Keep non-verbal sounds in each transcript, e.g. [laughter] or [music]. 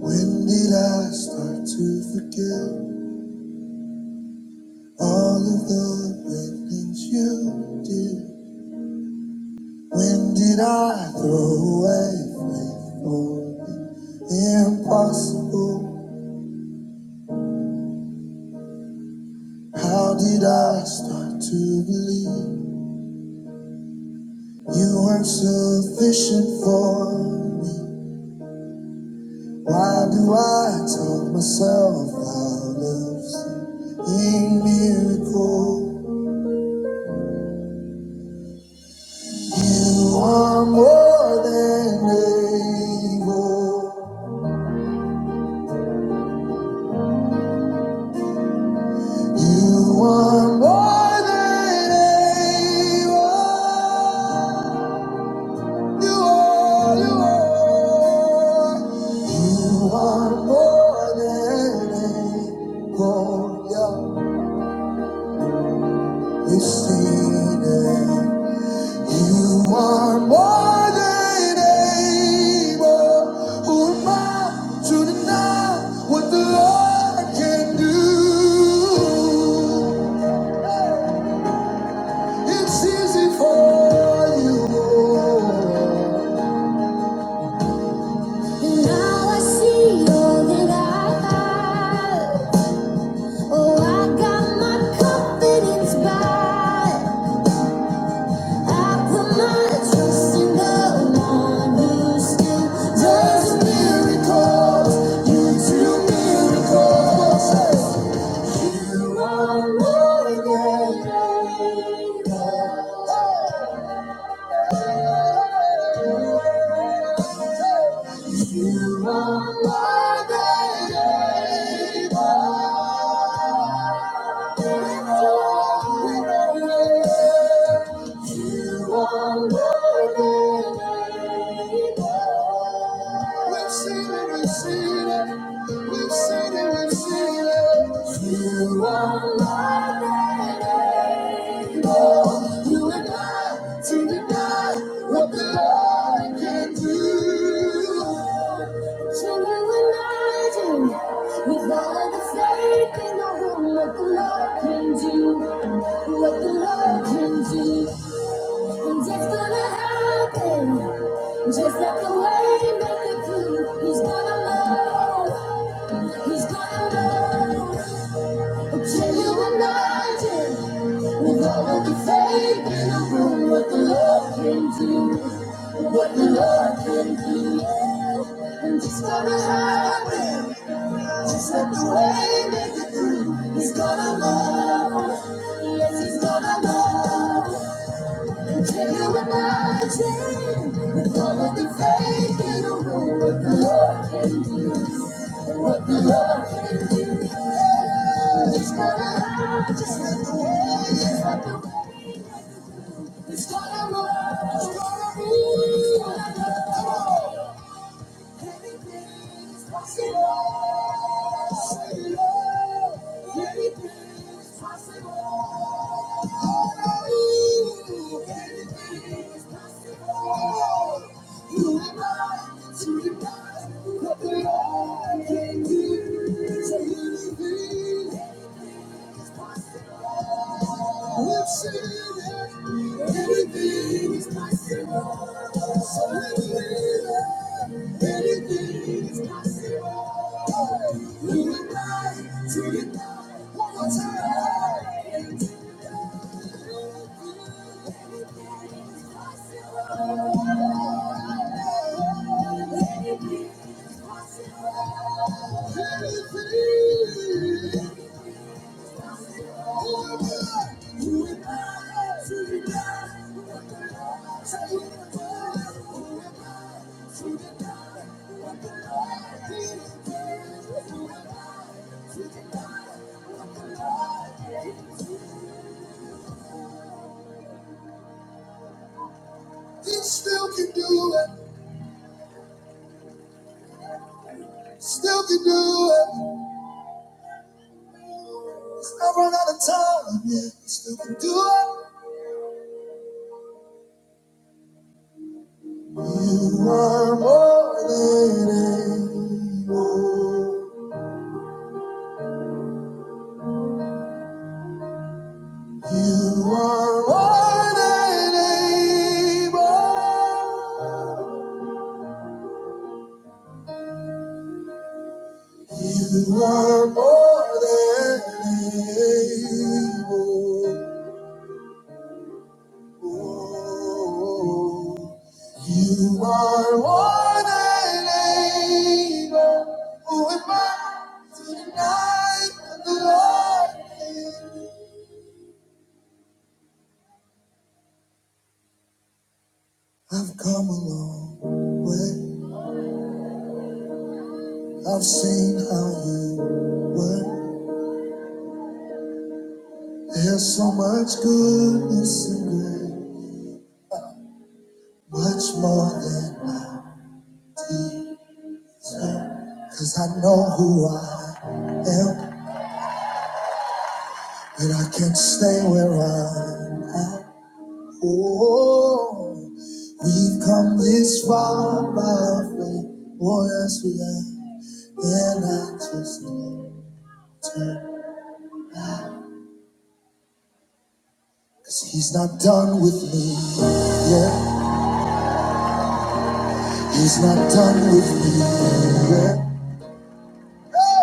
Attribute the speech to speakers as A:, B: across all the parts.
A: When did I start to forget all of the great things you did? When did I throw away faith for the impossible? How did I start to believe you weren't sufficient for me? Why do I talk myself out of seeing miracles? You are more than able. You are more than able. You are, you are. You are more than able. Yeah. We see that. You are more than able. Who am I to deny what the Lord can do? It's easy for you. Lord. Now I see all that I have. Oh, I got my confidence back. I put my trust in the one who still does miracles. You do miracles. You are more than able. You are more than able. You are more than able. We've seen it, we've seen it. We've seen it, we've seen it. You are Lord. You and I to deny what the Lord can do. So you and I do. With all the faith in the room, what the Lord can do. What the Lord can do. And it's gonna happen, just like the way make it through. He's gonna know. he's gonna move. A genuine mountain, with all of the faith in the room, what the Lord can do, what the Lord can do. And it's gonna happen, just like the way make it through. He's gonna know. yes, he's gonna know. Possible. Anything is possible can Thank anything. We'll that Everything is possible. So when we love, everything is possible. We will rise to the top. One more time. Everything is possible. Everything. is possible. Everything. You still can do it. Still can do it. He's not run out of time yet. still can do it. You are more than able. You are more than able. You are more than able. Oh, You are more than able. Who am I to deny the Lord? I've come a long way. I've seen how you work. There's so much goodness and grace, much more than I deserve. Cause I know who I am, and I can't stay where I'm at. Oh, we've come this far by faith. Oh, yes, we have. And I just can't turn. Cause he's not done with me yet. He's not done with me yet.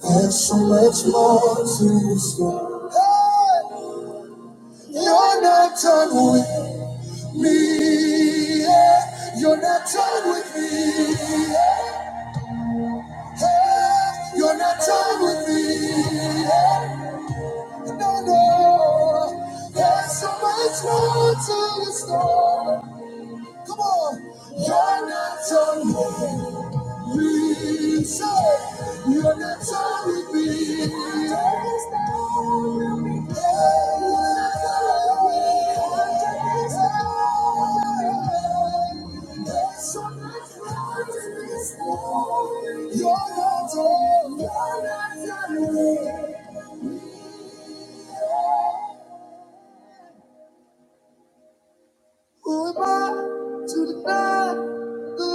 A: There's so much more to store. Hey, you're not done with me. Yeah. You're not done with me. Yeah. Hey, you're not done with me. Yeah. No, no. There's so much more to store. Come on. You're not done with me. Jesus, your name's on the beat. Darkness now will be gone. Darkness now. There's so much light in this world. You're not all. You're not alone. Who am I to deny the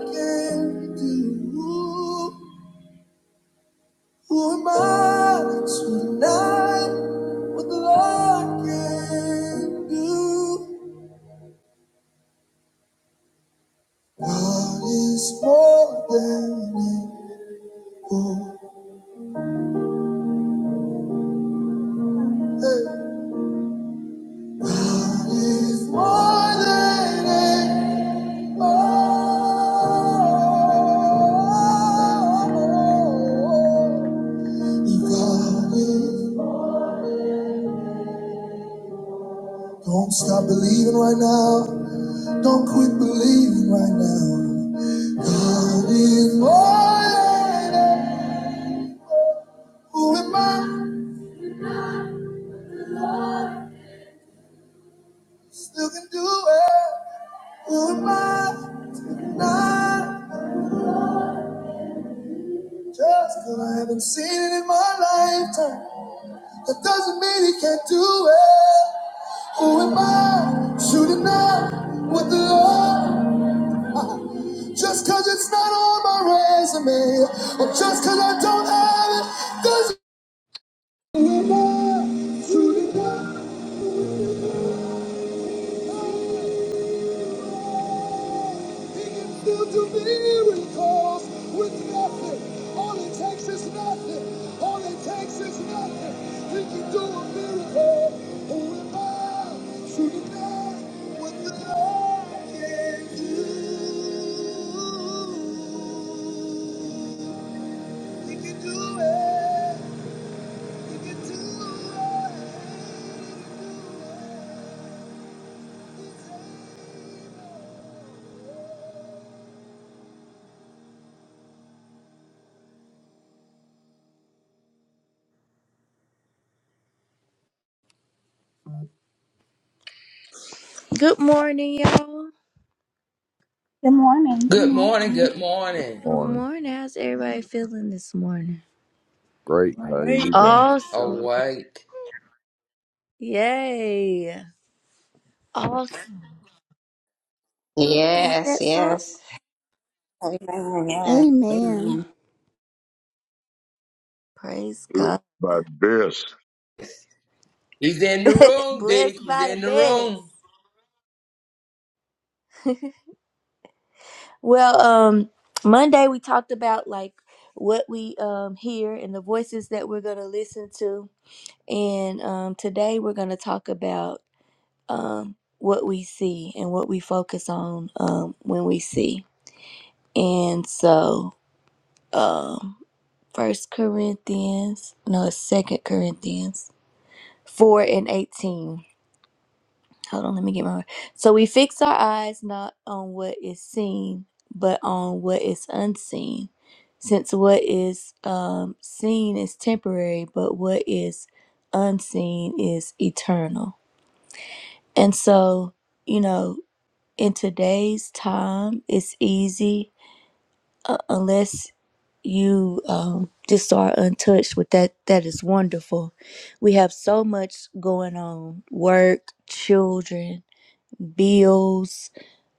A: Lord can do? Who am I to deny what the Lord can do? God is more than able. Hey. God is more than able. God is. Don't stop believing right now. Don't quit believing right now. God is more. Who am I? Still can do it. Who am I? Not just 'cause I haven't seen it in my lifetime. That doesn't mean he can't do it. Who am I? Shooting up with the Lord. Just 'cause it's not on my resume, or just 'cause I don't have it, doesn't. Who am I? Shooting up. He can still do miracles with nothing. All it takes is nothing. All it takes is nothing. He can do a miracle. Who am I to deny what the Lord can do? He can do it. He can do it. Good morning, y'all.
B: Good morning. Good
C: Good morning,
B: morning.
C: good morning.
A: Good
D: Morning.
A: morning. How's everybody feeling this morning?
D: Great. How you
E: Great.
D: doing?
A: Awesome.
C: Awake.
A: Yay. Awesome. Ain't
F: Yes,
A: that something?
F: yes. Amen. Yes.
B: Amen.
F: Amen.
A: Praise God.
G: By this.
C: He's in
A: [laughs]
C: the room,
A: Blessed
C: D. He's
A: by
C: in the
A: the
C: room.
A: best. [laughs] well, um, Monday we talked about like what we um hear and the voices that we're gonna listen to. And um today we're gonna talk about um what we see and what we focus on um when we see. And so um First Corinthians, no, it's Second Corinthians four and eighteen. Hold on, let me get my. So we fix our eyes not on what is seen, but on what is unseen, since what is um, seen is temporary, but what is unseen is eternal. And so, you know, in today's time, it's easy uh, unless you um, just are untouched with that. That is wonderful. We have so much going on work, children, bills,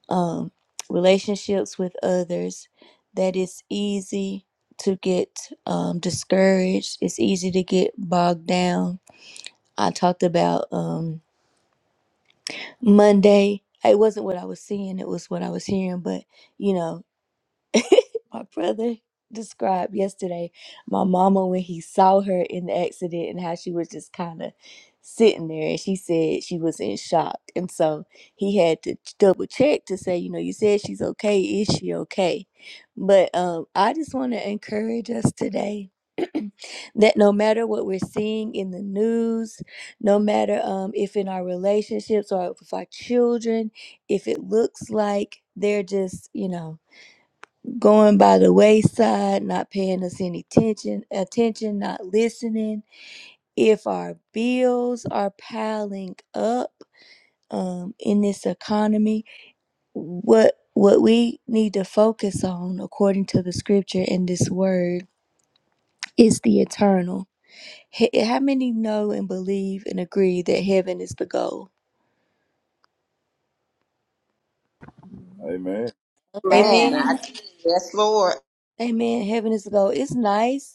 A: um, relationships with others that it's easy to get um, discouraged. It's easy to get bogged down. I talked about um, Monday. It wasn't what I was seeing, it was what I was hearing, but you know. my brother described yesterday my mama when he saw her in the accident and how she was just kind of sitting there and she said she was in shock and so he had to ch- double check to say you know you said she's okay is she okay but um i just want to encourage us today [clears throat] that no matter what we're seeing in the news no matter um if in our relationships or with our children if it looks like they're just you know going by the wayside, not paying us any attention, attention, not listening. If our bills are piling up um, in this economy, what what we need to focus on, according to the scripture and this word, is the eternal. H- How many know and believe and agree that heaven is the goal?
D: Amen.
F: Man, I
A: Amen.
B: Amen.
F: do. Yes, Lord.
A: Amen. Heaven is the goal. It's nice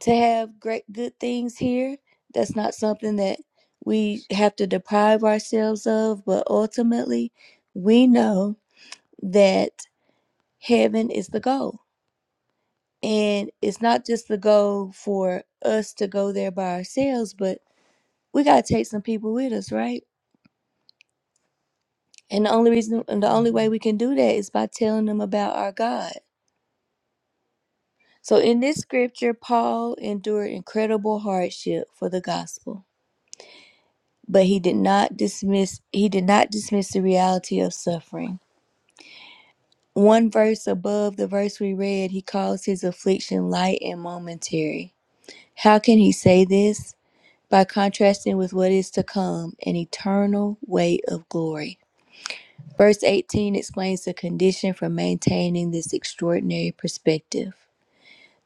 A: to have great good things here. That's not something that we have to deprive ourselves of, but ultimately, we know that heaven is the goal. And it's not just the goal for us to go there by ourselves, but we got to take some people with us, right? And the only reason and the only way we can do that is by telling them about our God. So in this scripture, Paul endured incredible hardship for the gospel. but he did not dismiss he did not dismiss the reality of suffering. One verse above the verse we read, he calls his affliction light and momentary. How can he say this? By contrasting with what is to come, an eternal weight of glory. Verse 18 explains the condition for maintaining this extraordinary perspective.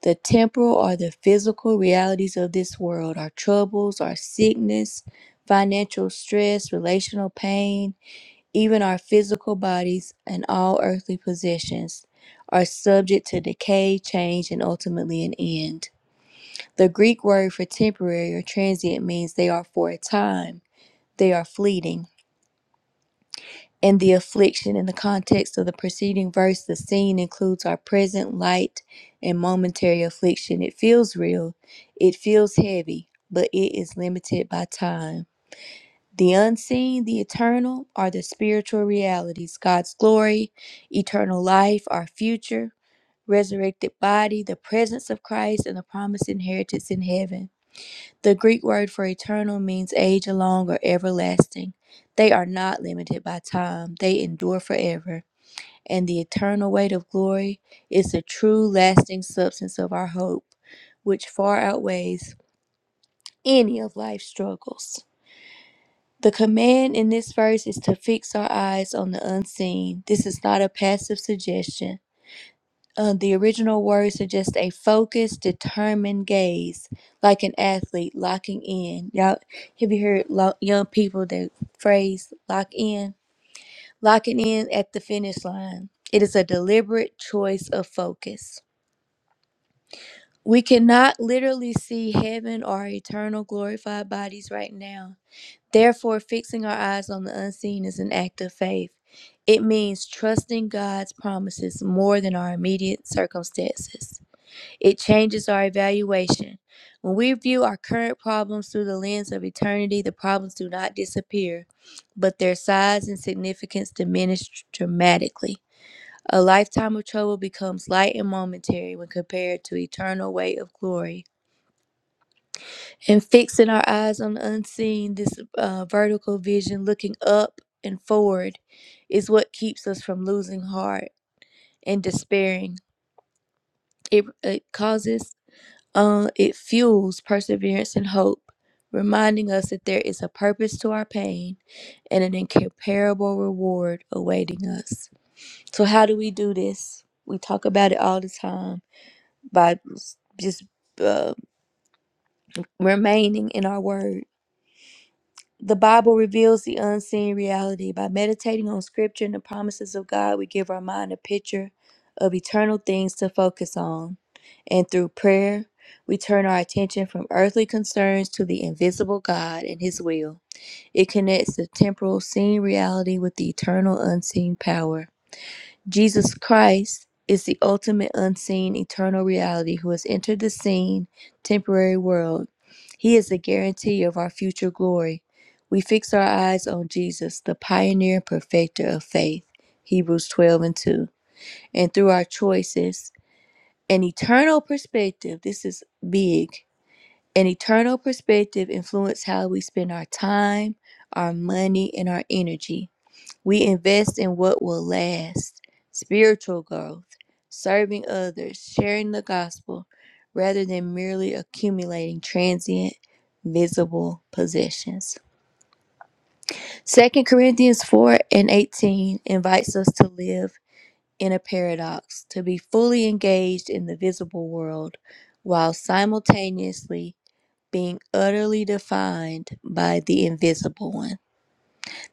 A: The temporal or the physical realities of this world, our troubles, our sickness, financial stress, relational pain, Even our physical bodies and all earthly possessions are subject to decay, change, and ultimately an end. The Greek word for temporary or transient means they are for a time, they are fleeting. In the affliction, in the context of the preceding verse, the scene includes our present light and momentary affliction. It feels real, it feels heavy, but it is limited by time. The unseen, the eternal, are the spiritual realities God's glory, eternal life, our future, resurrected body, the presence of Christ, and the promised inheritance in heaven. The Greek word for eternal means age long or everlasting. They are not limited by time, they endure forever. And the eternal weight of glory is the true, lasting substance of our hope, which far outweighs any of life's struggles. The command in this verse is to fix our eyes on the unseen. This is not a passive suggestion. Uh, the original word suggests a focused, determined gaze, like an athlete locking in. Y'all have you heard lo- young people that phrase lock in? Locking in at the finish line. It is a deliberate choice of focus. We cannot literally see heaven or eternal glorified bodies right now, Therefore, fixing our eyes on the unseen is an act of faith. It means trusting God's promises more than our immediate circumstances. It changes our evaluation. When we view our current problems through the lens of eternity, the problems do not disappear, but their size and significance diminish dramatically. A lifetime of trouble becomes light and momentary when compared to eternal weight of glory and fixing our eyes on the unseen, this uh, vertical vision, looking up and forward, is what keeps us from losing heart and despairing. It, it causes, uh, it fuels perseverance and hope, reminding us that there is a purpose to our pain and an incomparable reward awaiting us. So, how do we do this? We talk about it all the time by just uh, remaining in our word The Bible reveals the unseen reality. By meditating on scripture and the promises of God, we give our mind a picture of eternal things to focus on. And through prayer, we turn our attention from earthly concerns to the invisible God and His will. It connects the temporal seen reality with the eternal unseen power. Jesus Christ is the ultimate unseen eternal reality who has entered the seen temporary world. He is the guarantee of our future glory. We fix our eyes on Jesus, the pioneer and perfecter of faith. Hebrews 12 and 2. And through our choices, an eternal perspective, this is big, an eternal perspective influences how we spend our time, our money, and our energy. We invest in what will last spiritual growth, serving others, sharing the gospel, rather than merely accumulating transient, visible possessions. Second Corinthians 4 and 18 invites us to live in a paradox, to be fully engaged in the visible world while simultaneously being utterly defined by the invisible one.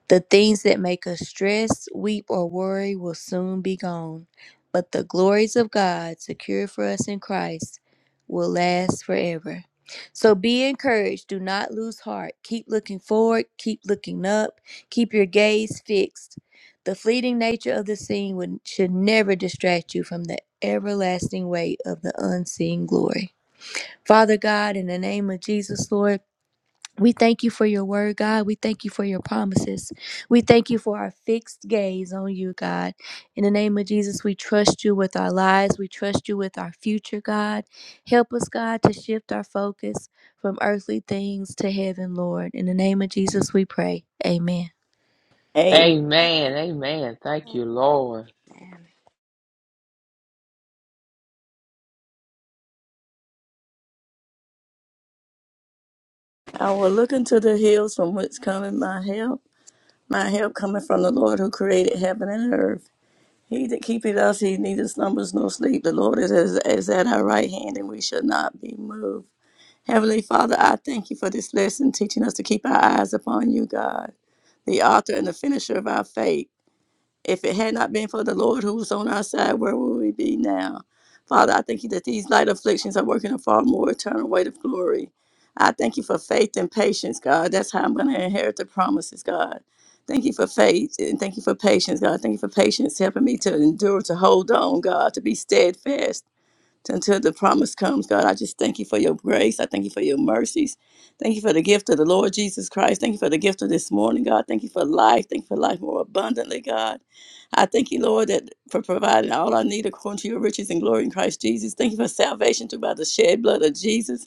A: The things that make us stress, weep, or worry will soon be gone, but the glories of God secured for us in Christ will last forever. So be encouraged. Do not lose heart. Keep looking forward. Keep looking up. Keep your gaze fixed. The fleeting nature of the scene would, should never distract you from the everlasting weight of the unseen glory. Father God, in the name of Jesus, Lord, we thank you for your word, God. We thank you for your promises. We thank you for our fixed gaze on you, God. In the name of Jesus, we trust you with our lives. We trust you with our future, God. Help us, God, to shift our focus from earthly things to heaven, Lord. In the name of Jesus, we pray. Amen.
C: Amen. Amen. Thank you, Lord.
E: I will look into the hills from whence cometh my help. My help cometh from the Lord who created heaven and earth. He that keepeth us, he neither slumbers nor sleep. The Lord is, is, is at our right hand, and we shall not be moved. Heavenly Father, I thank you for this lesson, teaching us to keep our eyes upon you, God, the author and the finisher of our faith. If it had not been for the Lord who was on our side, where would we be now? Father, I thank you that these light afflictions are working a far more eternal weight of glory. I thank you for faith and patience, God. That's how I'm going to inherit the promises, God. Thank you for faith and thank you for patience, God. Thank you for patience helping me to endure, to hold on, God, to be steadfast until the promise comes, God, I just thank you for your grace. I thank you for your mercies. Thank you for the gift of the Lord Jesus Christ. Thank you for the gift of this morning, God. Thank you for life. Thank you for life more abundantly, God. I thank you, Lord, that for providing all I need according to your riches and glory in Christ Jesus. Thank you for salvation through by the shed blood of Jesus.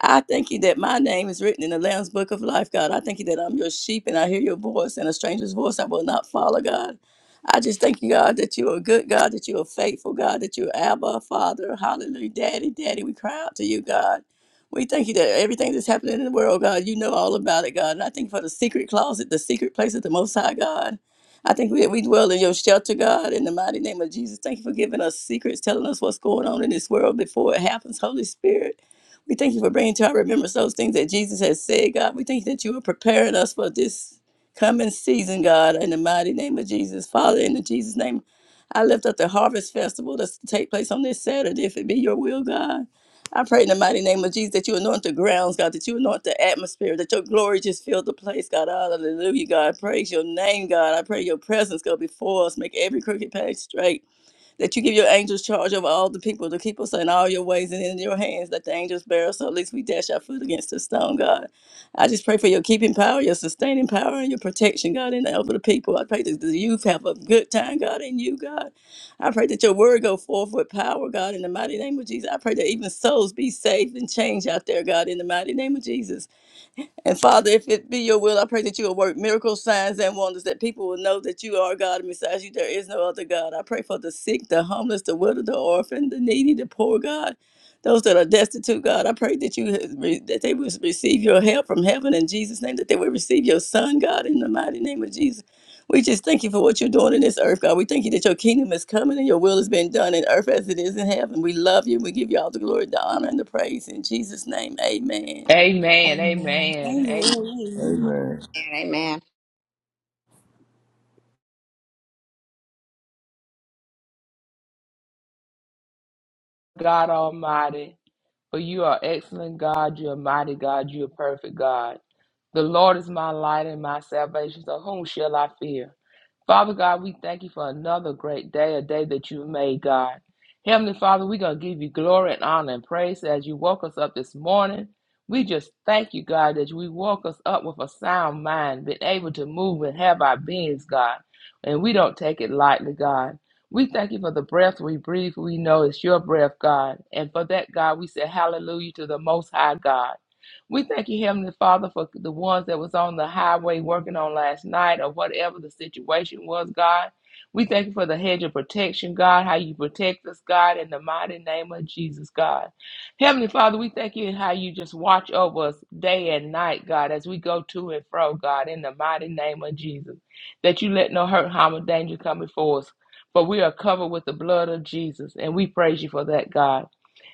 E: I thank you that my name is written in the Lamb's Book of Life, God. I thank you that I'm your sheep and I hear your voice, and a stranger's voice I will not follow, God. I just thank you, God, that you are good, God, that you are faithful, God, that you are Abba, Father, hallelujah, Daddy, Daddy. We cry out to you, God. We thank you that everything that's happening in the world, God, you know all about it, God. And I thank you for the secret closet, the secret place of the Most High, God. I thank we, we dwell in your shelter, God, in the mighty name of Jesus. Thank you for giving us secrets, telling us what's going on in this world before it happens, Holy Spirit. We thank you for bringing to our remembrance those things that Jesus has said, God. We thank you that you are preparing us for this coming season, God, in the mighty name of Jesus. Father, in the Jesus' name, I lift up the Harvest Festival that's to take place on this Saturday, if it be your will, God. I pray in the mighty name of Jesus that you anoint the grounds, God, that you anoint the atmosphere, that your glory just fill the place, God. Hallelujah, God. Praise your name, God. I pray your presence go before us, make every crooked path straight that you give your angels charge over all the people to keep us in all your ways and in your hands, that the angels bear us, so at least we dash our foot against the stone, God. I just pray for your keeping power, your sustaining power, and your protection, God, in the help of the people. I pray that the youth have a good time, God, in you, God. I pray that your word go forth with power, God, in the mighty name of Jesus. I pray that even souls be saved and changed out there, God, in the mighty name of Jesus. And Father, if it be your will, I pray that you will work miracles, signs, and wonders, that people will know that you are God, and besides you, there is no other God. I pray for the sick, the homeless, the widow, the orphan, the needy, the poor, God, those that are destitute, God. I pray that you that they will receive your help from heaven in Jesus' name, that they will receive your Son, God, in the mighty name of Jesus. We just thank you for what you're doing in this earth, God. We thank you that your kingdom is coming and your will is being done in earth as it is in heaven. We love you. We give you all the glory, the honor, and the praise in Jesus' name. Amen.
C: Amen.
A: Amen.
C: Amen. Amen.
B: Amen.
D: Amen.
F: Amen.
C: God Almighty, for you are excellent God. You are mighty God. You are perfect God. The Lord is my light and my salvation. So whom shall I fear? Father God, we thank you for another great day, a day that you made, God. Heavenly Father, we're going to give you glory and honor and praise as you woke us up this morning. We just thank you, God, that we woke us up with a sound mind, been able to move and have our beings, God. And we don't take it lightly, God. We thank you for the breath we breathe. We know it's your breath, God. And for that, God, we say hallelujah to the Most High God. We thank you, Heavenly Father, for the ones that was on the highway working on last night or whatever the situation was, God. We thank you for the hedge of protection, God, how you protect us, God, in the mighty name of Jesus, God. Heavenly Father, we thank you how you just watch over us day and night, God, as we go to and fro, God, in the mighty name of Jesus. That you let no hurt, harm, or danger come before us. For we are covered with the blood of Jesus, and we praise you for that, God.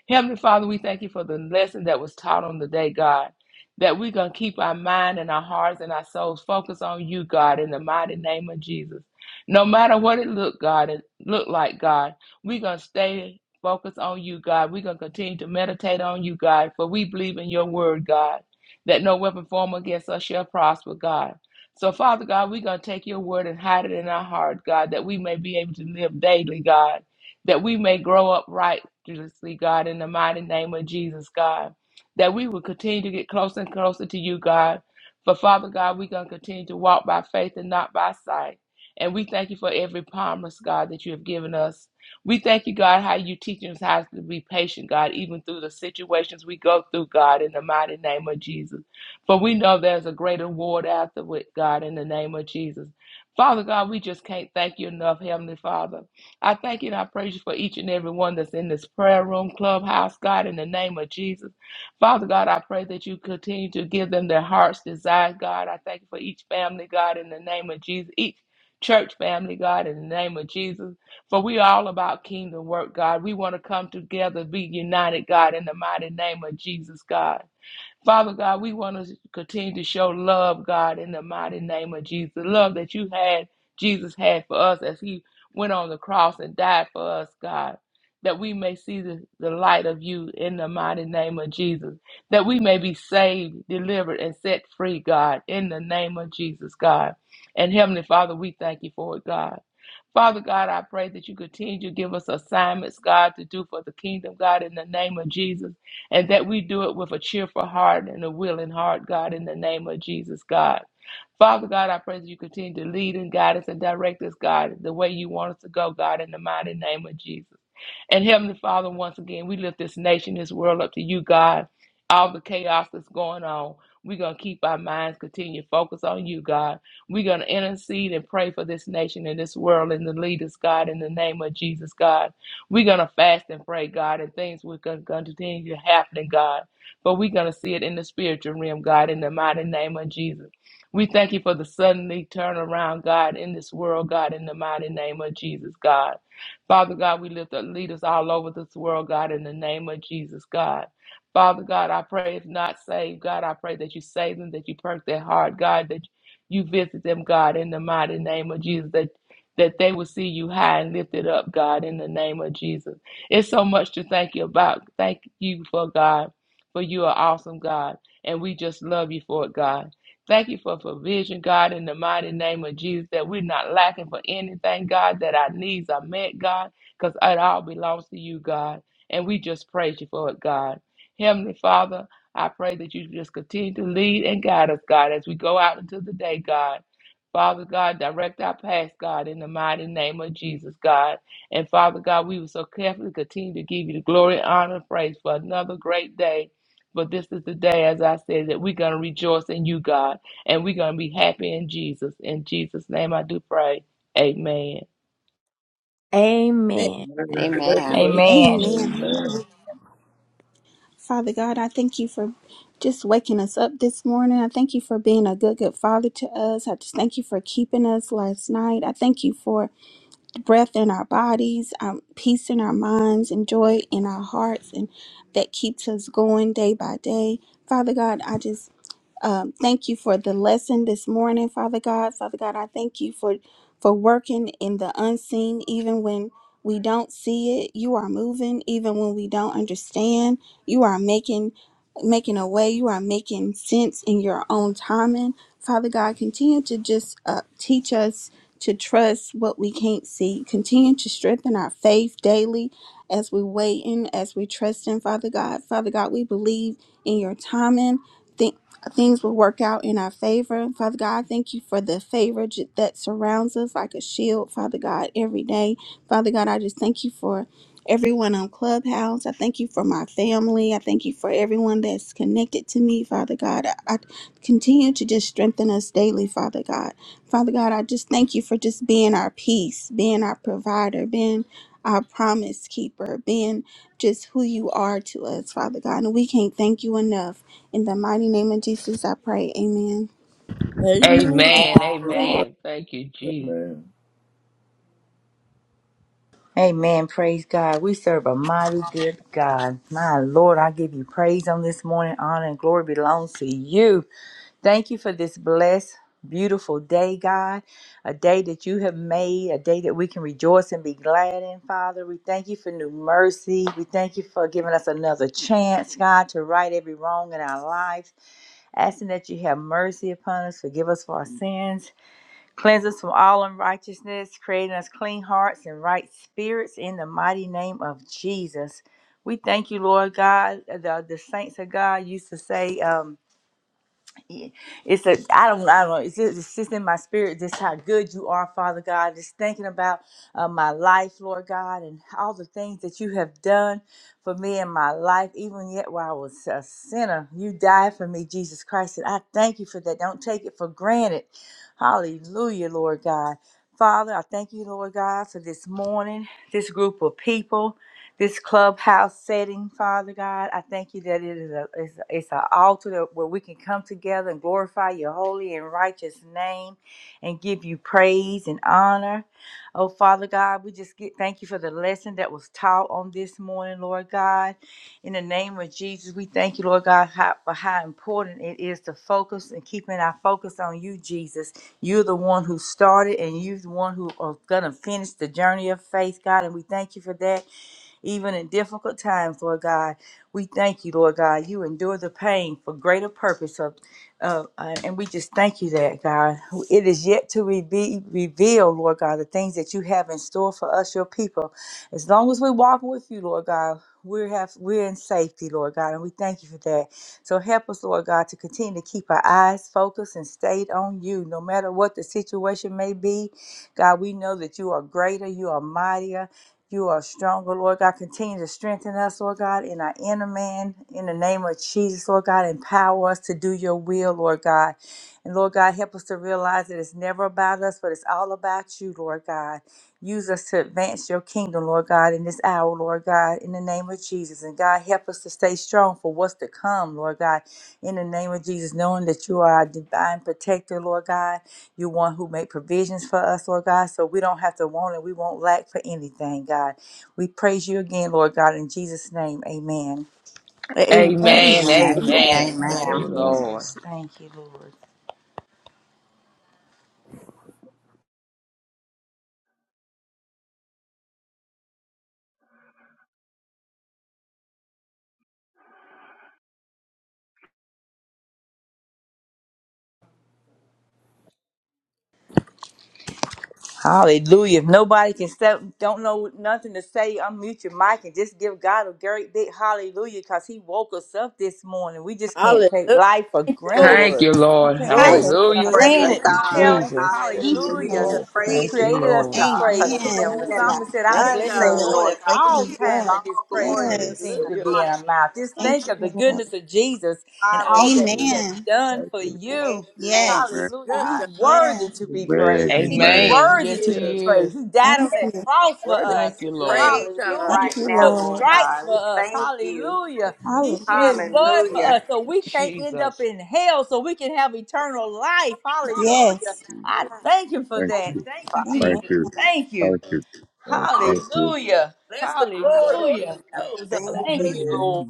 C: Heavenly Father, we thank you for the lesson that was taught on the day, God, that we're going to keep our mind and our hearts and our souls focused on you, God, in the mighty name of Jesus. No matter what it look, God, it look like, God, we're going to stay focused on you, God. We're going to continue to meditate on you, God, for we believe in your word, God, that no weapon formed against us shall prosper, God. So, Father God, we're going to take your word and hide it in our heart, God, that we may be able to live daily, God that we may grow upright, miraculously, God, in the mighty name of Jesus, God, that we will continue to get closer and closer to you, God. For Father God, we're going to continue to walk by faith and not by sight. And we thank you for every promise, God, that you have given us. We thank you, God, how you teach us how to be patient, God, even through the situations we go through, God, in the mighty name of Jesus. For we know there's a great reward afterward, God, in the name of Jesus. Father God, we just can't thank you enough, Heavenly Father. I thank you and I praise you for each and every one that's in this prayer room, clubhouse, God, in the name of Jesus. Father God, I pray that you continue to give them their heart's desire, God. I thank you for each family, God, in the name of Jesus, each church family, God, in the name of Jesus. For we are all about kingdom work, God. We want to come together, be united, God, in the mighty name of Jesus, God. Father God, we want to continue to show love, God, in the mighty name of Jesus. The love that you had, Jesus had for us as he went on the cross and died for us, God. That we may see the, the light of you in the mighty name of Jesus. That we may be saved, delivered, and set free, God, in the name of Jesus, God. And Heavenly Father, we thank you for it, God. Father God, I pray that you continue to give us assignments, God, to do for the kingdom, God, in the name of Jesus, and that we do it with a cheerful heart and a willing heart, God, in the name of Jesus, God. Father God, I pray that you continue to lead and guide us and direct us, God, the way you want us to go, God, in the mighty name of Jesus. And Heavenly Father, once again, we lift this nation, this world up to you, God. All the chaos that's going on, we're going to keep our minds continue to focus on you, God. We're going to intercede and pray for this nation and this world and the leaders, God, in the name of Jesus, God. We're going to fast and pray, God, and things we're going to continue to happen, God. But we're going to see it in the spiritual realm, God, in the mighty name of Jesus. We thank you for the suddenly turnaround, God, in this world, God, in the mighty name of Jesus, God. Father God, we lift up leaders all over this world, God, in the name of Jesus, God. Father God, I pray if not saved, God, I pray that you save them, that you perk their heart, God, that you visit them, God, in the mighty name of Jesus, that that they will see you high and lifted up, God, in the name of Jesus. It's so much to thank you about. Thank you for God, for you are awesome, God, and we just love you for it, God. Thank you for provision, God, in the mighty name of Jesus, that we're not lacking for anything, God, that our needs are met, God, because it all belongs to you, God. And we just praise you for it, God. Heavenly Father, I pray that you just continue to lead and guide us, God, as we go out into the day, God. Father God, direct our paths, God, in the mighty name of Jesus, God. And Father God, we will so carefully continue to give you the glory, honor, and praise for another great day. But this is the day, as I said, that we're going to rejoice in you, God and we're going to be happy in Jesus. In Jesus' name, I do pray. Amen.
E: Thank
A: Amen.
G: Amen.
F: Amen.
E: you,
F: Amen.
E: Lord.
H: Amen.
G: Amen.
B: Amen.
D: Amen.
B: Father God, I thank you for just waking us up this morning. I thank you for being a good, good father to us. I just thank you for keeping us last night. I thank you for the breath in our bodies, um, peace in our minds, and joy in our hearts, and that keeps us going day by day. Father God, I just Um, thank you for the lesson this morning, Father God. Father God, I thank you for for working in the unseen, even when we don't see it. You are moving, even when we don't understand. You are making making a way. You are making sense in your own timing, Father God. Continue to just uh, teach us to trust what we can't see. Continue to strengthen our faith daily as we wait in, as we trust in, Father God. Father God, we believe in your timing things will work out in our favor. Father God, thank you for the favor j- that surrounds us like a shield, Father God, every day. Father God, I just thank you for everyone on Clubhouse. I thank you for my family. I thank you for everyone that's connected to me, Father God. I, I continue to just strengthen us daily, Father God. Father God, I just thank you for just being our peace, being our provider, being our promise keeper, being just who you are to us, Father God. And we can't thank you enough. In the mighty name of Jesus, I pray. Amen.
E: Amen. Thank
C: Amen.
E: you,
F: Amen.
E: Lord.
C: Amen. Thank you, Jesus.
D: Amen.
H: Amen. Praise God. We serve a mighty good God. My Lord, I give you praise on this morning. Honor and glory belongs to you. Thank you for this blessed, beautiful day, God. A day that you have made, a day that we can rejoice and be glad in, Father. We thank you for new mercy. We thank you for giving us another chance, God, to right every wrong in our lives. Asking that you have mercy upon us, forgive us for our sins. Cleanse us from all unrighteousness, creating us clean hearts and right spirits in the mighty name of Jesus. We thank you, Lord God. The, the saints of God used to say, um, yeah. It's a I don't I don't know. It's just, it's just in my spirit just how good you are, Father God. Just thinking about uh, my life, Lord God, and all the things that you have done for me in my life, even yet while I was a sinner. You died for me, Jesus Christ, and I thank you for that. Don't take it for granted. Hallelujah, Lord God. Father, I thank you, Lord God, for this morning, this group of people this clubhouse setting, Father God. I thank you that it is a it's, a- it's an altar that, where we can come together and glorify your holy and righteous name and give you praise and honor. Oh, Father God, we just get thank you for the lesson that was taught on this morning, Lord God. In the name of Jesus, we thank you, Lord God, how, for how important it is to focus and keeping our focus on you, Jesus. You're the one who started and you're the one who are going to finish the journey of faith, God. And we thank you for that even in difficult times, Lord God. We thank you, Lord God. You endure the pain for greater purpose of, of uh, and we just thank you that, God. It is yet to be revealed, Lord God, the things that you have in store for us, your people. As long as we walk with you, Lord God, we have we're in safety, Lord God, and we thank you for that. So help us, Lord God, to continue to keep our eyes focused and stayed on you, no matter what the situation may be. God, we know that you are greater, you are mightier, you are stronger, Lord God. Continue to strengthen us, Lord God, in our inner man. In the name of Jesus, Lord God, empower us to do your will, Lord God. And Lord God, help us to realize that it's never about us, but it's all about you, Lord God. Use us to advance your kingdom, Lord God, in this hour, Lord God, in the name of Jesus. And God, help us to stay strong for what's to come, Lord God in the name of Jesus, knowing that you are our divine protector, Lord God. You one who make provisions for us, Lord God, so we don't have to want it. We won't lack for anything, God. We praise you again, Lord God, in Jesus' name. Amen. Thank
E: Amen.
H: you,
E: Thank
C: Amen.
H: Lord.
E: you, Lord.
F: Amen.
H: Thank
C: Amen.
H: you,
C: Thank
F: Amen.
C: you,
D: Amen.
C: Lord.
H: Jesus. Thank you, Lord. Hallelujah. If nobody can step, don't know nothing to say, unmute your mic and just give God a great big hallelujah because He woke us up this morning. We just can't
E: Hallelujah.
H: take
E: Thank
H: life for
E: you,
H: granted.
C: Thank
E: Lord.
C: you,
H: You
C: Lord.
H: can't take
E: Glory
F: Amen.
H: it
B: Hallelujah.
E: to
H: for
E: God.
C: Hallelujah.
F: Glory be to
C: Thank
H: granted.
B: Thank
H: I'm
C: you,
B: you, Lord.
F: God.
H: telling you,
C: Jesus.
D: Praise
B: Thank you,
F: Hallelujah. We
D: the
H: hallelujah.
F: just
E: Yeah.
B: Lord.
D: Lord.
H: He
F: praise
C: Thank
F: you,
C: you,
H: created us
F: Lord
H: to
C: Lord.
F: God, for the
H: praise
D: We
B: Amen.
H: Him.
F: seen
H: The
B: I just
F: and
D: do.
B: want
F: the
H: psalmist
B: to
H: said, I'll
B: thank
E: Great
H: bless
B: you,
H: the
F: unseen,
B: Lord,
E: God.
B: for
H: Lord
F: Lord
H: at
F: God. We
B: waking
H: all
F: just
B: me
F: give you
H: times,
B: up.
H: and His
F: all
H: praise
F: glory,
H: shall
D: Live
F: praise,
B: Yes.
H: continue
F: and
H: to
E: Hallelujah.
H: be in
F: honor.
H: our
F: It
H: mouth.
F: belongs
H: Just
B: Thank
H: think
B: you,
H: of the
F: to
B: Lord.
H: goodness
F: you.
H: of Jesus and
F: Hallelujah.
H: all
D: to
H: that He
D: believe.
H: has
B: Amen.
H: done
D: Thank
H: for
D: you, Lord.
H: you.
F: Amen.
B: Yes.
H: Hallelujah.
E: Good
F: God.
H: He's
E: God.
H: worthy
B: Yes.
H: to be
G: Amen.
H: praised.
B: He
H: He's
G: Amen.
C: Amen.
B: is.
H: worthy
C: Yes,
H: to
E: Yeah.
H: be
C: He is.
H: praised. He died
B: Thank
H: on that
B: you.
F: Yes, Lord
H: cross
F: God.
H: for
E: Worthy is
F: We
H: us.
C: Thank
F: just
E: the
C: you,
E: Lamb of
C: Lord.
F: praise you
E: God.
H: Hallelujah.
B: Thank
F: right
B: you,
H: He
F: now,
H: took
F: Lord
B: Lord.
H: stripes
F: God. We
H: for us.
F: thank you.
H: Hallelujah. He
E: Glory
H: shed
E: to
B: Hallelujah.
H: blood for
F: Hallelujah.
H: us so we can't end up
C: Jesus.
H: in hell, so we can have eternal life.
E: God.
B: Yes.
H: Hallelujah. I thank him for
G: Thank
F: Thank
H: that.
G: you.
F: you,
H: Thank
F: Father.
H: you,
B: Amen.
G: Thank
H: Jesus.
G: you.
H: Thank you.
G: Thank you.
D: Thank
G: Thank
D: you,
G: you.
H: Hallelujah.
E: Bless the Lord, oh
H: Hallelujah.
F: Hallelujah.
E: our souls.
F: Thank
H: Thank
E: Hallelujah
H: you,
F: you.
H: Lord.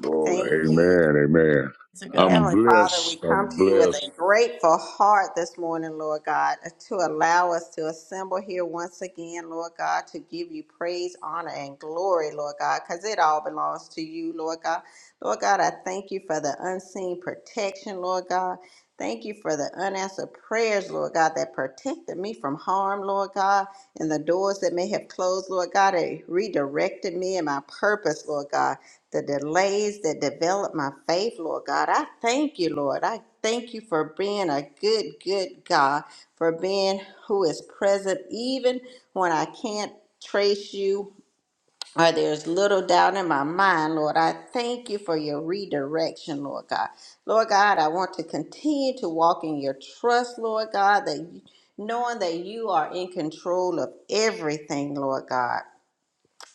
D: Lord. Glory.
F: Thank you.
G: Amen. Amen.
E: to God.
G: I'm
F: Heavenly Father, we
G: blessed.
F: come
G: I'm
F: to you with
G: blessed.
F: a grateful heart this morning, Lord God, to allow us to assemble here once again, Lord God, to give you praise, honor, and glory, Lord God, because it all belongs to you, Lord God. Lord God, I thank you for the unseen protection, Lord God. Thank you for the unanswered prayers, Lord God, that protected me from harm, Lord God, and the doors that may have closed, Lord God, that redirected me and my purpose, Lord God the delays that develop my faith, Lord God. I thank you, Lord. I thank you for being a good, good God, for being who is present even when I can't trace you or there's little doubt in my mind, Lord. I thank you for your redirection, Lord God. Lord God, I want to continue to walk in your trust, Lord God, that you, knowing that you are in control of everything, Lord God.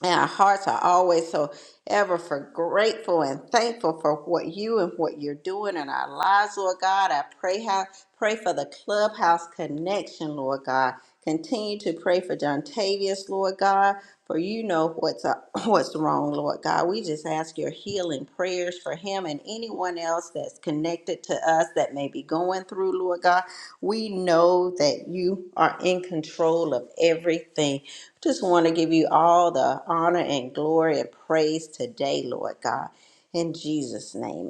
F: And our hearts are always so ever for grateful and thankful for what you and what you're doing in our lives, Lord God. I pray how pray for the clubhouse connection, Lord God. Continue to pray for John Tavius, Lord God, for you know what's up, [clears throat] what's wrong, Lord God. We just ask your healing prayers prayers for him and anyone else that's connected to us that may be going through, Lord God. We know that you are in control of everything. Just want to give you all the honor and glory and praise today, Lord God. In Jesus' name,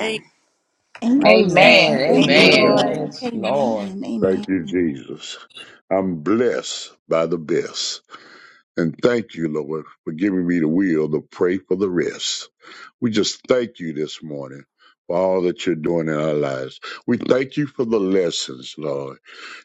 E: Amen.
B: Amen.
G: Amen.
C: Amen.
H: Amen.
B: Thank you,
G: Amen.
C: Amen.
B: Lord.
H: Amen.
D: Amen.
C: Yes, Lord.
B: Amen. Amen.
G: Thank you, Jesus. I'm blessed by the best. And thank you, Lord, for giving me the will to pray for the rest. We just thank you this morning for all that you're doing in our lives. We thank you for the lessons, Lord.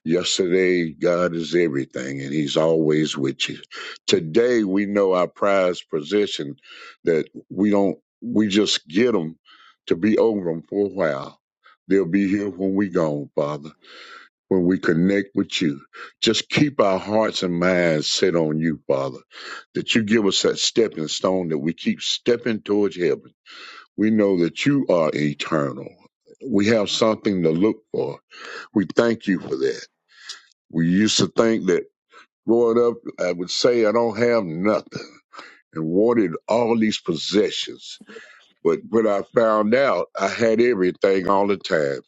G: Yesterday, God is everything, and He's always with you. Today, we know our prized possession that we don't, we just get them to be over them for a while. They'll be here when we gone, Father when we connect with you. Just keep our hearts and minds set on you, Father, that you give us that stepping stone that we keep stepping towards heaven. We know that you are eternal. We have something to look for. We thank you for that. We used to think that growing up, I would say, I don't have nothing and wanted all these possessions. But when I found out, I had everything all the time.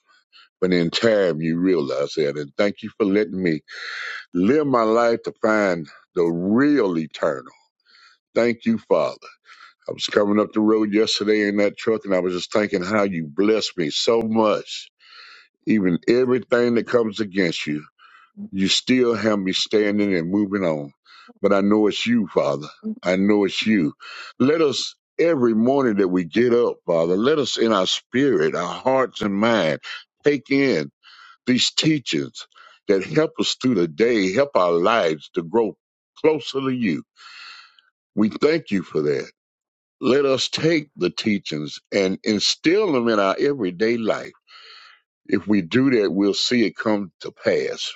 G: But in time, you realize that. And thank you for letting me Live my life to find the real eternal. Thank you, Father. I was coming up the road yesterday in that truck and I was just thinking how you blessed me so much. Even everything that comes against you, you still have me standing and moving on. But I know it's you, Father. I know it's you. Let us every morning that we get up, Father, let us in our spirit, our hearts and mind, take in these teachers that help us through the day, help our lives to grow closer to you. We thank you for that. Let us take the teachings and instill them in our everyday life. If we do that, we'll see it come to pass.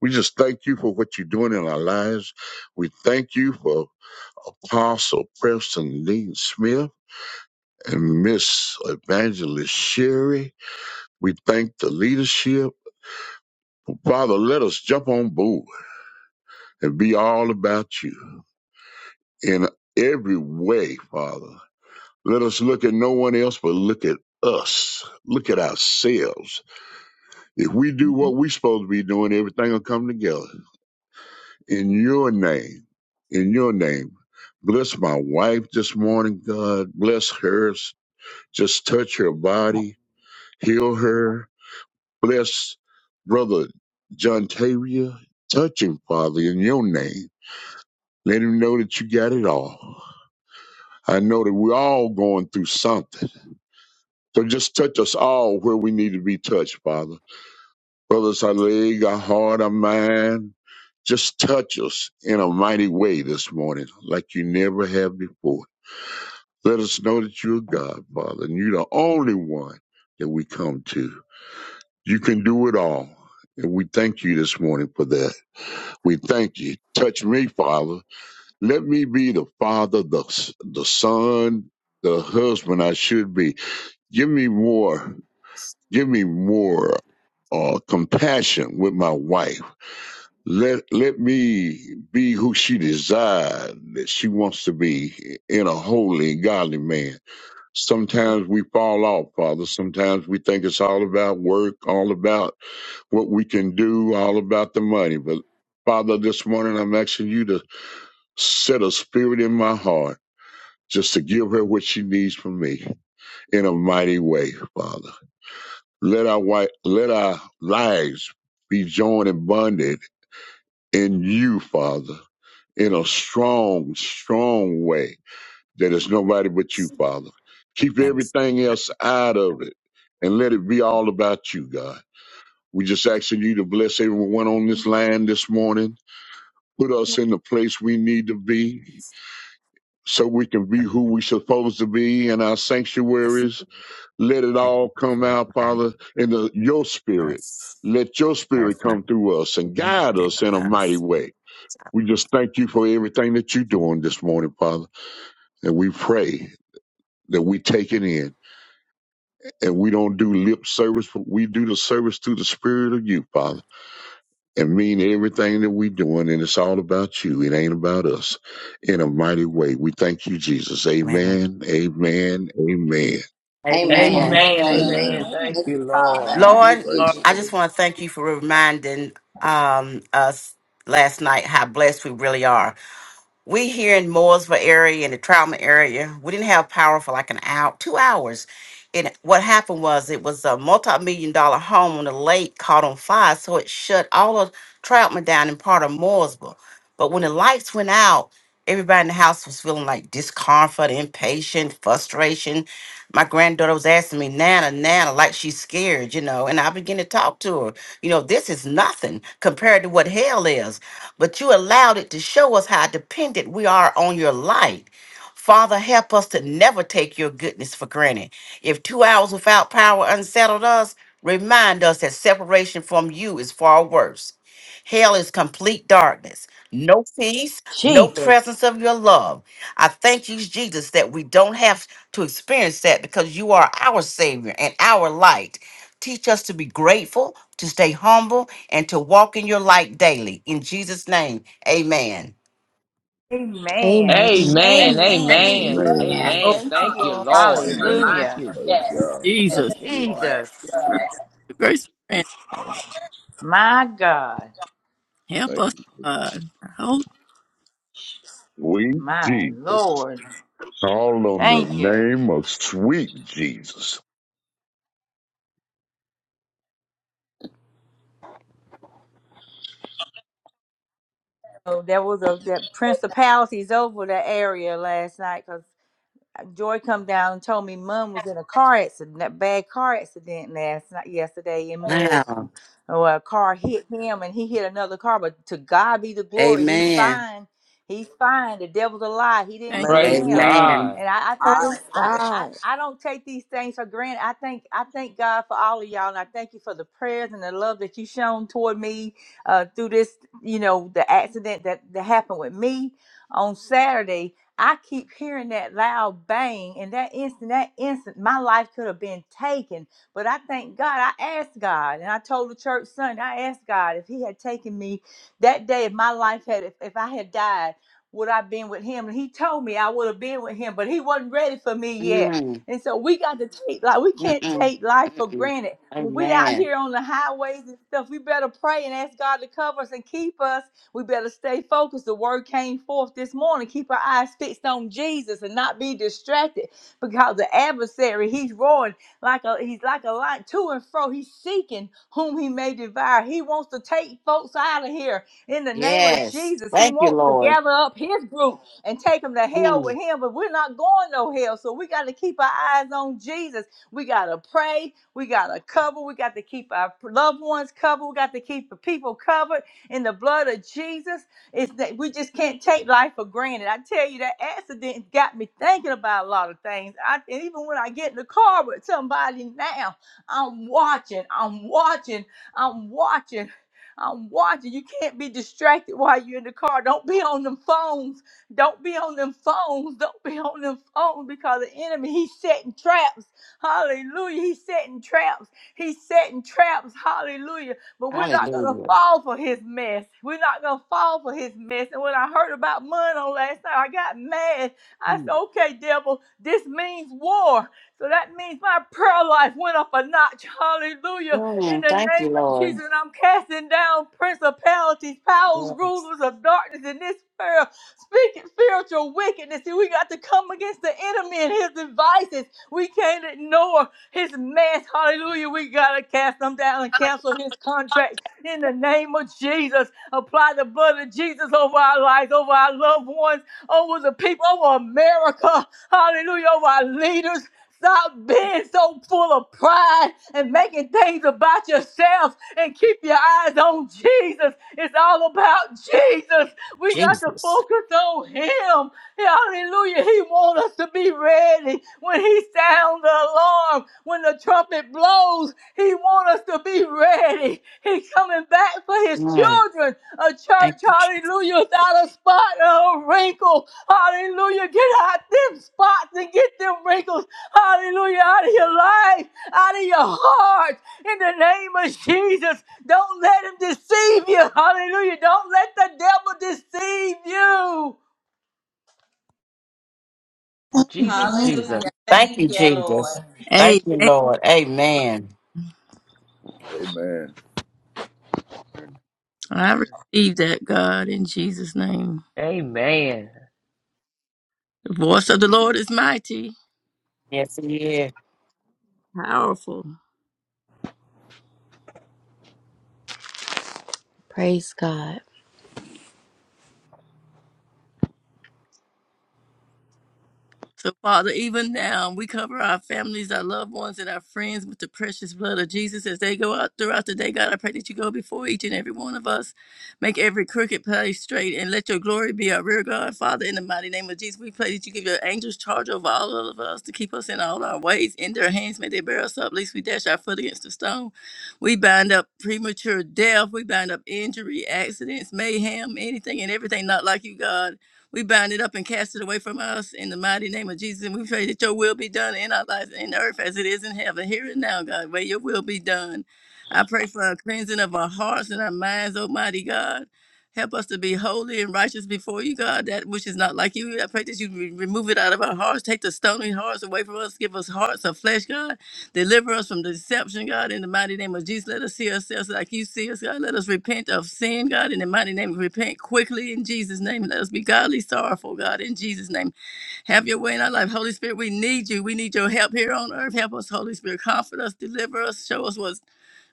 G: We just thank you for what you're doing in our lives. We thank you for Apostle Preston Dean Smith and Miss Evangelist Sherry. We thank the leadership. Father, let us jump on board and be all about you. in every way, Father. Let us look at no one else, but look at us. Look at ourselves. If we do what we're supposed to be doing, everything will come together. In your name, in your name. Bless my wife this morning, God. Bless her. Just touch her body. Heal her. Bless Brother John Tavia. Touch him, Father, in your name. Let him know that you got it all. I know that we're all going through something So just touch us all where we need to be touched, Father. Whether it's our leg, our heart, our mind, just touch us in a mighty way this morning, like you never have before. Let us know that you're God, Father, and you're the only one that we come to. You can do it all. And we thank you this morning for that. We thank you. Touch me, Father. Let me be the father, the, the son, the husband I should be. Give me more. Give me more uh, compassion with my wife. Let let me be who she desired that she wants to be in a holy and godly man. Sometimes we fall off, Father. Sometimes we think it's all about work, all about what we can do, all about the money. But Father, this morning I'm asking you to set a spirit in my heart just to give her what she needs from me in a mighty way, Father. Let our white, let our lives be joined and bonded in you, Father, in a strong, strong way that is nobody but you, Father. Keep everything else out of it and let it be all about you, God. We just asking you to bless everyone on this line this morning. Put us in the place we need to be so we can be who we supposed to be in our sanctuaries Let it all come out, Father, in the, your spirit. Let your spirit come through us and guide us in a mighty way. We just thank you for everything that you're doing this morning, Father. And we pray that we take it in and we don't do lip service, but we do the service through the spirit of you, Father, and mean everything that we're doing. And it's all about you. It ain't about us in a mighty way. We thank you, Jesus. Amen. Amen. Amen.
I: And
F: Amen.
C: Amen.
H: Amen.
F: Amen.
C: Amen.
D: Amen.
C: Thank
F: Thank you,
C: you, Lord.
F: Father.
B: Amen.
F: Thank
I: Lord,
F: you,
D: Praise
E: Lord.
D: the
I: I
F: Jesus.
I: just
D: Lord.
I: want to thank you for reminding um, us last night how blessed we really are. We here in Mooresville area, in the trauma area, we didn't have power for like an hour, two hours. And what happened was it was a multi-million dollar home on the lake caught on fire, so it shut all of Troutman down in part of Mooresville. But when the lights went out, everybody in the house was feeling like discomfort, impatient, frustration. My granddaughter was asking me, Nana, Nana, like she's scared, you know, and I began to talk to her. You know, this is nothing compared to what hell is but you allowed it to show us how dependent we are on your light. Father, help us to never take your goodness for granted. If two hours without power unsettled us, remind us that separation from you is far worse. Hell is complete darkness, no peace, no
H: Jesus.
I: presence of your love. I thank you, Jesus, that we don't have to experience that because you are our Savior and our light. Teach us to be grateful, to stay humble, and to walk in your light daily. In Jesus' name, amen.
A: Amen.
H: Amen.
C: Amen.
H: Thank you,
E: Amen.
B: Amen.
H: Jesus.
C: Amen.
B: Amen.
G: Amen.
F: Yeah.
E: Oh,
C: Amen.
B: Thank you,
F: Oh,
C: Thank you,
B: Lord.
F: yes.
C: Lord.
F: Reminder.
D: Amen.
C: Thank
H: Hallelujah.
C: you.
D: Praise
F: Yes.
D: God.
F: Yes,
D: Thank
E: Jesus.
D: you.
F: Lord.
H: Jesus.
F: Yes.
E: The Grace of and
H: My God.
E: help
D: Thank
E: us,
D: you.
E: God. I
G: Sweet
H: My
G: Jesus.
H: Lord.
G: Call on the
H: Thank you.
G: name of sweet Jesus.
H: So there was a that principalities over that area last night cause. Joy come down and told me mom was in a car accident, that bad car accident last night, yesterday in
I: Wow.
H: Mooresville. Oh, a car hit him and he hit another car, but to God be the glory, he's
I: Amen.
H: fine. He's fine. The devil's a lie. He didn't
E: Thank you.
H: get
F: Hallelujah.
C: Praise
H: him.
I: Amen.
C: God.
H: And I, I, I
B: Praise
H: don't, I,
F: Hallelujah.
H: I,
B: God.
H: I don't take these things for granted. I thank, I thank God for all of y'all, and I thank you for the prayers and the love that you shown toward me uh, through this, you know, the accident that that happened with me on Saturday I keep hearing that loud bang, and that instant, that instant, my life could have been taken. But I thank God. I asked God, and I told the church Sunday, I asked God if He had taken me that day, if my life had, if, if I had died, would I been with Him? And He told me I would have been with Him, but He wasn't ready for me yet.
I: Mm,
H: And so we got to take like we can't
I: mm-mm,
H: take life for
I: mm-mm.
H: granted. When we out
I: Amen.
H: here on the highways and stuff, we better pray and ask God to cover us and keep us we better stay focused. The word came forth this morning. Keep our eyes fixed on Jesus and not be distracted because the adversary, he's roaring like a he's like a lion to and fro. He's seeking whom he may devour. He wants to take folks out of here in the name of
I: Yes.
H: Jesus. He
I: Thank you,
H: wants to
I: Lord.
H: gather up his group and take them to hell
I: Mm,
H: with him, but we're not going no hell. So we got to keep our eyes on Jesus. We got to pray. We got to cover. We got to keep our loved ones covered. We got to keep the people covered in the blood of Jesus. It's that we just can't take life for granted. I tell you, that accident got me thinking about a lot of things. I, and even when I get in the car with somebody now, I'm watching, I'm watching, I'm watching. I'm watching. You can't be distracted while you're in the car. Don't be on them phones. Don't be on them phones. [laughs] Don't be on them phones because the enemy, he's setting traps. Hallelujah. He's setting traps. He's setting traps. Hallelujah but we're not gonna
I: hallelujah.
H: fall for his mess. We're not gonna fall for his mess. And when I heard about money on last night, I got mad. I
I: Mm,
H: said, okay, devil, this means war. So that means my prayer life went up a notch. Hallelujah. In
I: mm,
H: the
I: thank you,
H: name of
I: Lord.
H: Jesus, and I'm casting down principalities, powers,
I: Yes.
H: rulers of darkness in this prayer. Speaking spiritual wickedness. See, we got to come against the enemy and his devices. We can't ignore his mess. Hallelujah. We got to cast them down and cancel his contract in the name of Jesus. Apply the blood of Jesus over our lives, over our loved ones, over the people, over America. Hallelujah. Over our leaders. Stop being so full of pride and making things about yourself and keep your eyes on Jesus. It's all about Jesus. We got to
I: Jesus.
H: focus on Him. Hallelujah. He wants us to be ready when he sounds the alarm, when the trumpet blows. He wants us to be ready. He's coming back for his
I: Mm,
H: children. A
I: thank
H: church,
I: you. Je-
H: hallelujah, without a spot or a wrinkle. Hallelujah. Get out them spots and get them wrinkles. Hallelujah. Out of your life, out of your heart. In the name of Jesus. Don't let him deceive you. Hallelujah. Don't let the devil deceive you.
C: Jesus,
B: Amen.
C: Jesus.
F: Hallelujah.
I: Thank you,
F: Thank you,
I: Jesus.
F: Lord.
I: Thank you,
E: Amen.
I: Lord. Amen.
D: Amen.
G: Amen.
E: I receive that, God, in Jesus' name.
C: Amen.
E: The voice of the Lord is mighty,
I: Yes, he is.
E: powerful.
A: Praise God.
E: So, Father, even now, we cover our families, our loved ones, and our friends with the precious blood of Jesus as they go out throughout the day. God, I pray that you go before each and every one of us. Make every crooked place straight and let your glory be our rear guard. Father, in the mighty name of Jesus, we pray that you give your angels charge over all of us to keep us in all our ways. In their hands, may they bear us up, lest we dash our foot against the stone. We bind up premature death. We bind up injury, accidents, mayhem, anything and everything not like you, God. We bind it up and cast it away from us in the mighty name of Jesus. And we pray that your will be done in our lives in earth as it is in heaven. Here and now, God, where your will be done. I pray for a cleansing of our hearts and our minds, Almighty God. Help us to be holy and righteous before you, God, that which is not like you. I pray that you re- remove it out of our hearts. Take the stony hearts away from us. Give us hearts of flesh, God Deliver us from deception, God, in the mighty name of Jesus. Let us see ourselves like you see us, God. Let us repent of sin, God, in the mighty name. Repent quickly in Jesus' name. Let us be godly sorrowful, God, in Jesus' name. Have your way in our life. Holy Spirit, we need you. We need your help here on earth. Help us, Holy Spirit. Comfort us, deliver us, show us what's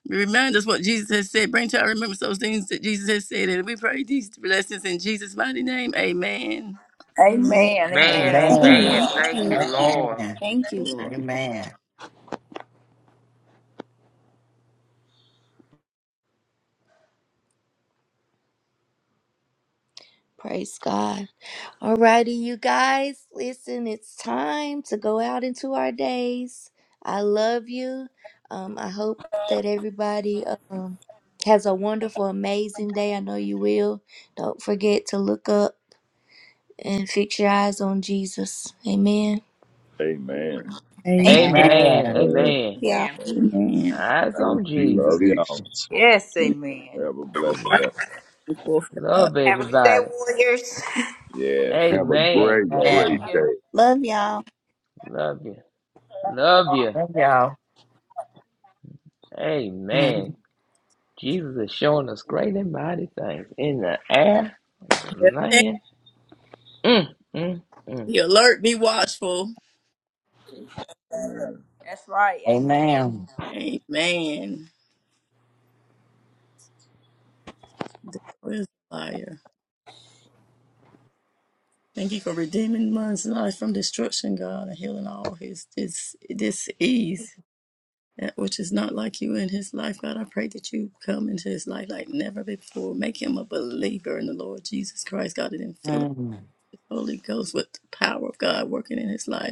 E: remind us what Jesus has said. Bring to our remembrance those things that Jesus has said. And we pray these blessings in Jesus' mighty name. Amen.
A: Amen.
H: Amen.
C: Man,
F: Amen.
H: Amen.
I: Amen.
C: amen.
D: Amen.
C: Thank you,
F: Amen.
C: Lord.
I: Amen.
B: Thank you, Lord.
I: Amen.
A: Praise God. Alrighty, you guys, listen, it's time to go out into our days. I love you. Um, I hope that everybody um, has a wonderful, amazing day. I know you will. Don't forget to look up and fix your eyes on Jesus. Amen.
G: Amen.
D: Amen.
E: Amen.
B: Thank
F: Amen.
D: I-
C: Amen.
I: Amen.
G: All right.
C: Amen.
B: you, y'all.
F: Amen.
D: I- I
E: Amen. Amen.
C: Eyes
G: Thank
C: on
G: you,
C: Jesus.
D: Love y'all.
G: Jesus.
H: Yes, amen.
D: Have a blessed
E: Right
C: Amen.
D: day.
E: before
C: Love
F: Have a good day,
C: everybody.
F: warriors.
D: Yes.
G: Have a
C: Amen.
G: great,
D: Bless
C: That's it.
H: Love
G: great
I: Amen.
G: day.
H: you.
B: Love y'all.
C: Love you. Love you.
I: Thank y'all. [laughs]
C: Amen.
I: Mhm.
C: Jesus is showing us great and mighty things in the air, in the
E: God.
C: land. Mm, mm, mm.
E: Be alert, be watchful.
H: That's right. Amen.
I: Amen.
E: Amen. The devil is a liar. Thank you for redeeming man's life from destruction, God, and healing all his dis disease, that which is not like you in his life, God. I pray that you come into his life like never before. Make him a believer in the Lord Jesus Christ, God, and then fill him
I: Mhm.
E: with the Holy Ghost with the power of God working in his life.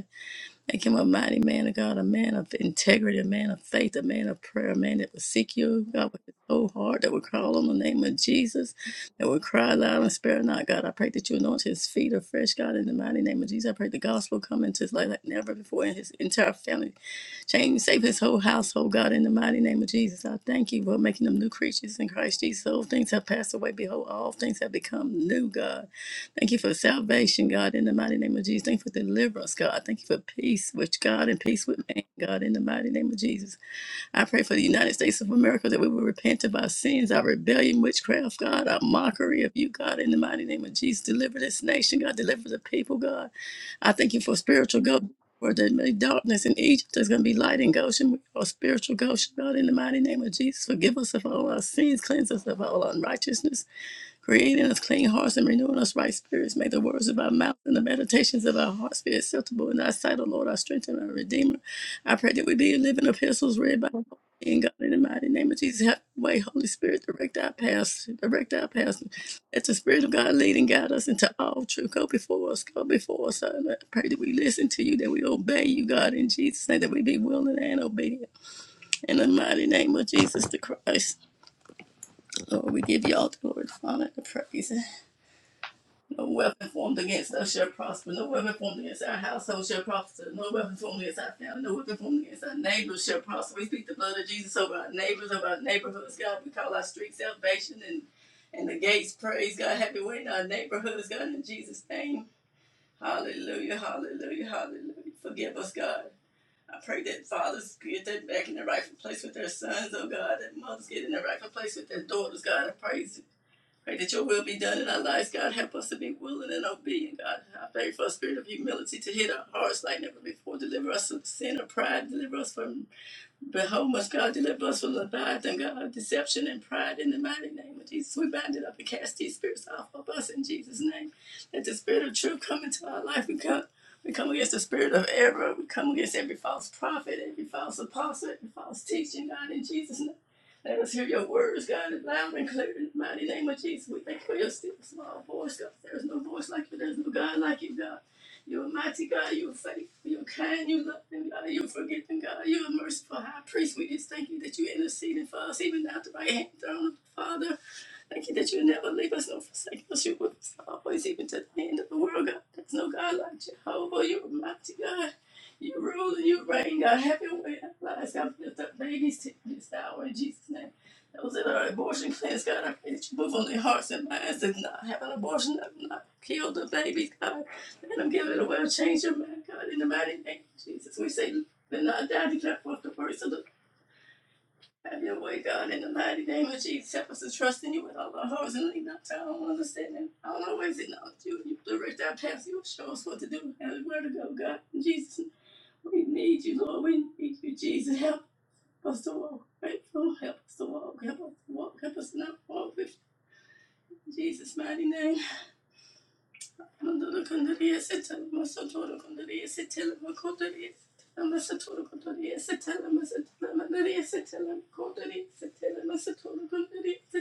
E: Make him a mighty man of God, a man of integrity, a man of faith, a man of prayer, a man that would seek you, God, with his whole heart, that would call on the name of Jesus, that would cry loud and spare not, God. I pray that you anoint his feet afresh, God, in the mighty name of Jesus. I pray the gospel come into his life like never before, and his entire family change, save his whole household, God, in the mighty name of Jesus. I thank you for making them new creatures in Christ Jesus. Old things have passed away. Behold, all things have become new, God. Thank you for salvation, God, in the mighty name of Jesus. Thank you for deliverance, God. Thank you for peace with God and peace with man, God, in the mighty name of Jesus. I pray for the United States of America that we will repent of our sins, our rebellion, witchcraft, God, our mockery of you, God, in the mighty name of Jesus. Deliver this nation, God. Deliver the people, God. I thank you for spiritual Goshen. Where there may be darkness in Egypt, there's going to be light in Goshen, or spiritual Goshen, God, in the mighty name of Jesus. Forgive us of all our sins, cleanse us of all unrighteousness. Creating us clean hearts and renewing us right spirits. Make the words of our mouth and the meditations of our hearts be acceptable in thy sight, O Lord, our strength and our redeemer. I pray that we be living epistles read by in God in the mighty name of Jesus. Have your way, Holy Spirit, direct our paths, direct our paths. Let the Spirit of God lead and guide us into all truth. Go before us, go before us. I pray that we listen to you, that we obey you, God, in Jesus' name, that we be willing and obedient. In the mighty name of Jesus the Christ, Lord, we give you all the glory, the honor, and the praise. No weapon formed against us shall prosper. No weapon formed against our household shall prosper. No weapon formed against our family. No weapon formed against our neighbors shall prosper. We speak the blood of Jesus over our neighbors, over our neighborhoods, God. We call our streets salvation and, and the gates praise, God. Have your way in our neighborhoods, God, in Jesus' name. Hallelujah, hallelujah, hallelujah. Forgive us, God. I pray that fathers get that back in the rightful place with their sons, oh God, that mothers get in the rightful place with their daughters, God. I praise you. Pray that your will be done in our lives, God. Help us to be willing and obedient, God. I pray for a spirit of humility to hit our hearts like never before. Deliver us from sin or pride. Deliver us from Behold, must God deliver us from the Leviathan, God, of deception and pride in the mighty name of Jesus. We bind it up and cast these spirits off of us in Jesus' name. Let the spirit of truth come into our life. We come, we come against the spirit of error. We come against every false prophet, every false apostle, every false teaching, God, in Jesus' name. Let us hear your words, God, loud and clear in the mighty name of Jesus. We thank you for your still small voice, God. There is no voice like you. There is no God like you, God. You're a mighty God. You're faithful. You're kind. You're loving God. You're forgiving God. You're a merciful high priest. We just thank you that you're interceding for us, even now at the right hand throne of the Father. Thank you that you never leave us nor forsake us. You're with us always, even to the end of the world, God. There's no God like Jehovah. You're a mighty God. You rule and you reign, God. Have your way in our lives, God. Lift up babies to this hour in Jesus' name. Those that are abortion clinics, God, I pray that you move on their hearts and minds and not have an abortion, that will not kill the babies, God. And I'm giving it away. Change your mind, God, in the mighty name of Jesus. We say, let not die, declare forth the words of the have your way, God, in the mighty name of Jesus. Help us to trust in you with all our hearts and lean not to our own understanding. I don't always acknowledge you. You direct our paths. You show us what to do and where to go, God. In Jesus, name, we need you, Lord. We need you, Jesus. Help us to walk faithful. Help us to walk. Help us to walk. Help us to not walk with Jesus' mighty name. Kondoro kondori ese tala masotoro kondori ese tala makondori ese tala masotoro kondori ese tala masotoro mandori ese tala makondori ese tala masotoro kondori ese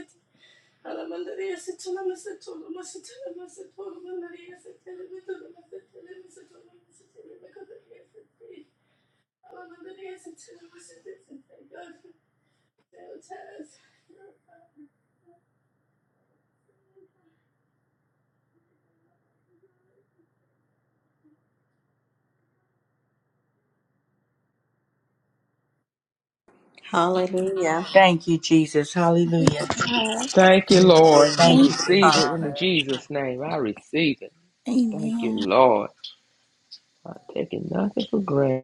E: tala mandori ese tala masotoro masotoro masotoro mandori ese tala mandoro masotoro masotoro masotoro makondori ese tala mandori ese tala masotoro masotoro God, no test.
F: Hallelujah.
H: Thank you, Jesus. Hallelujah.
C: Thank you,
H: Hallelujah.
C: Lord. I
H: Thank you, Jesus.
C: receive it in
F: Father.
C: Jesus' name. I receive it. Thank you, Lord. I'm taking nothing for granted.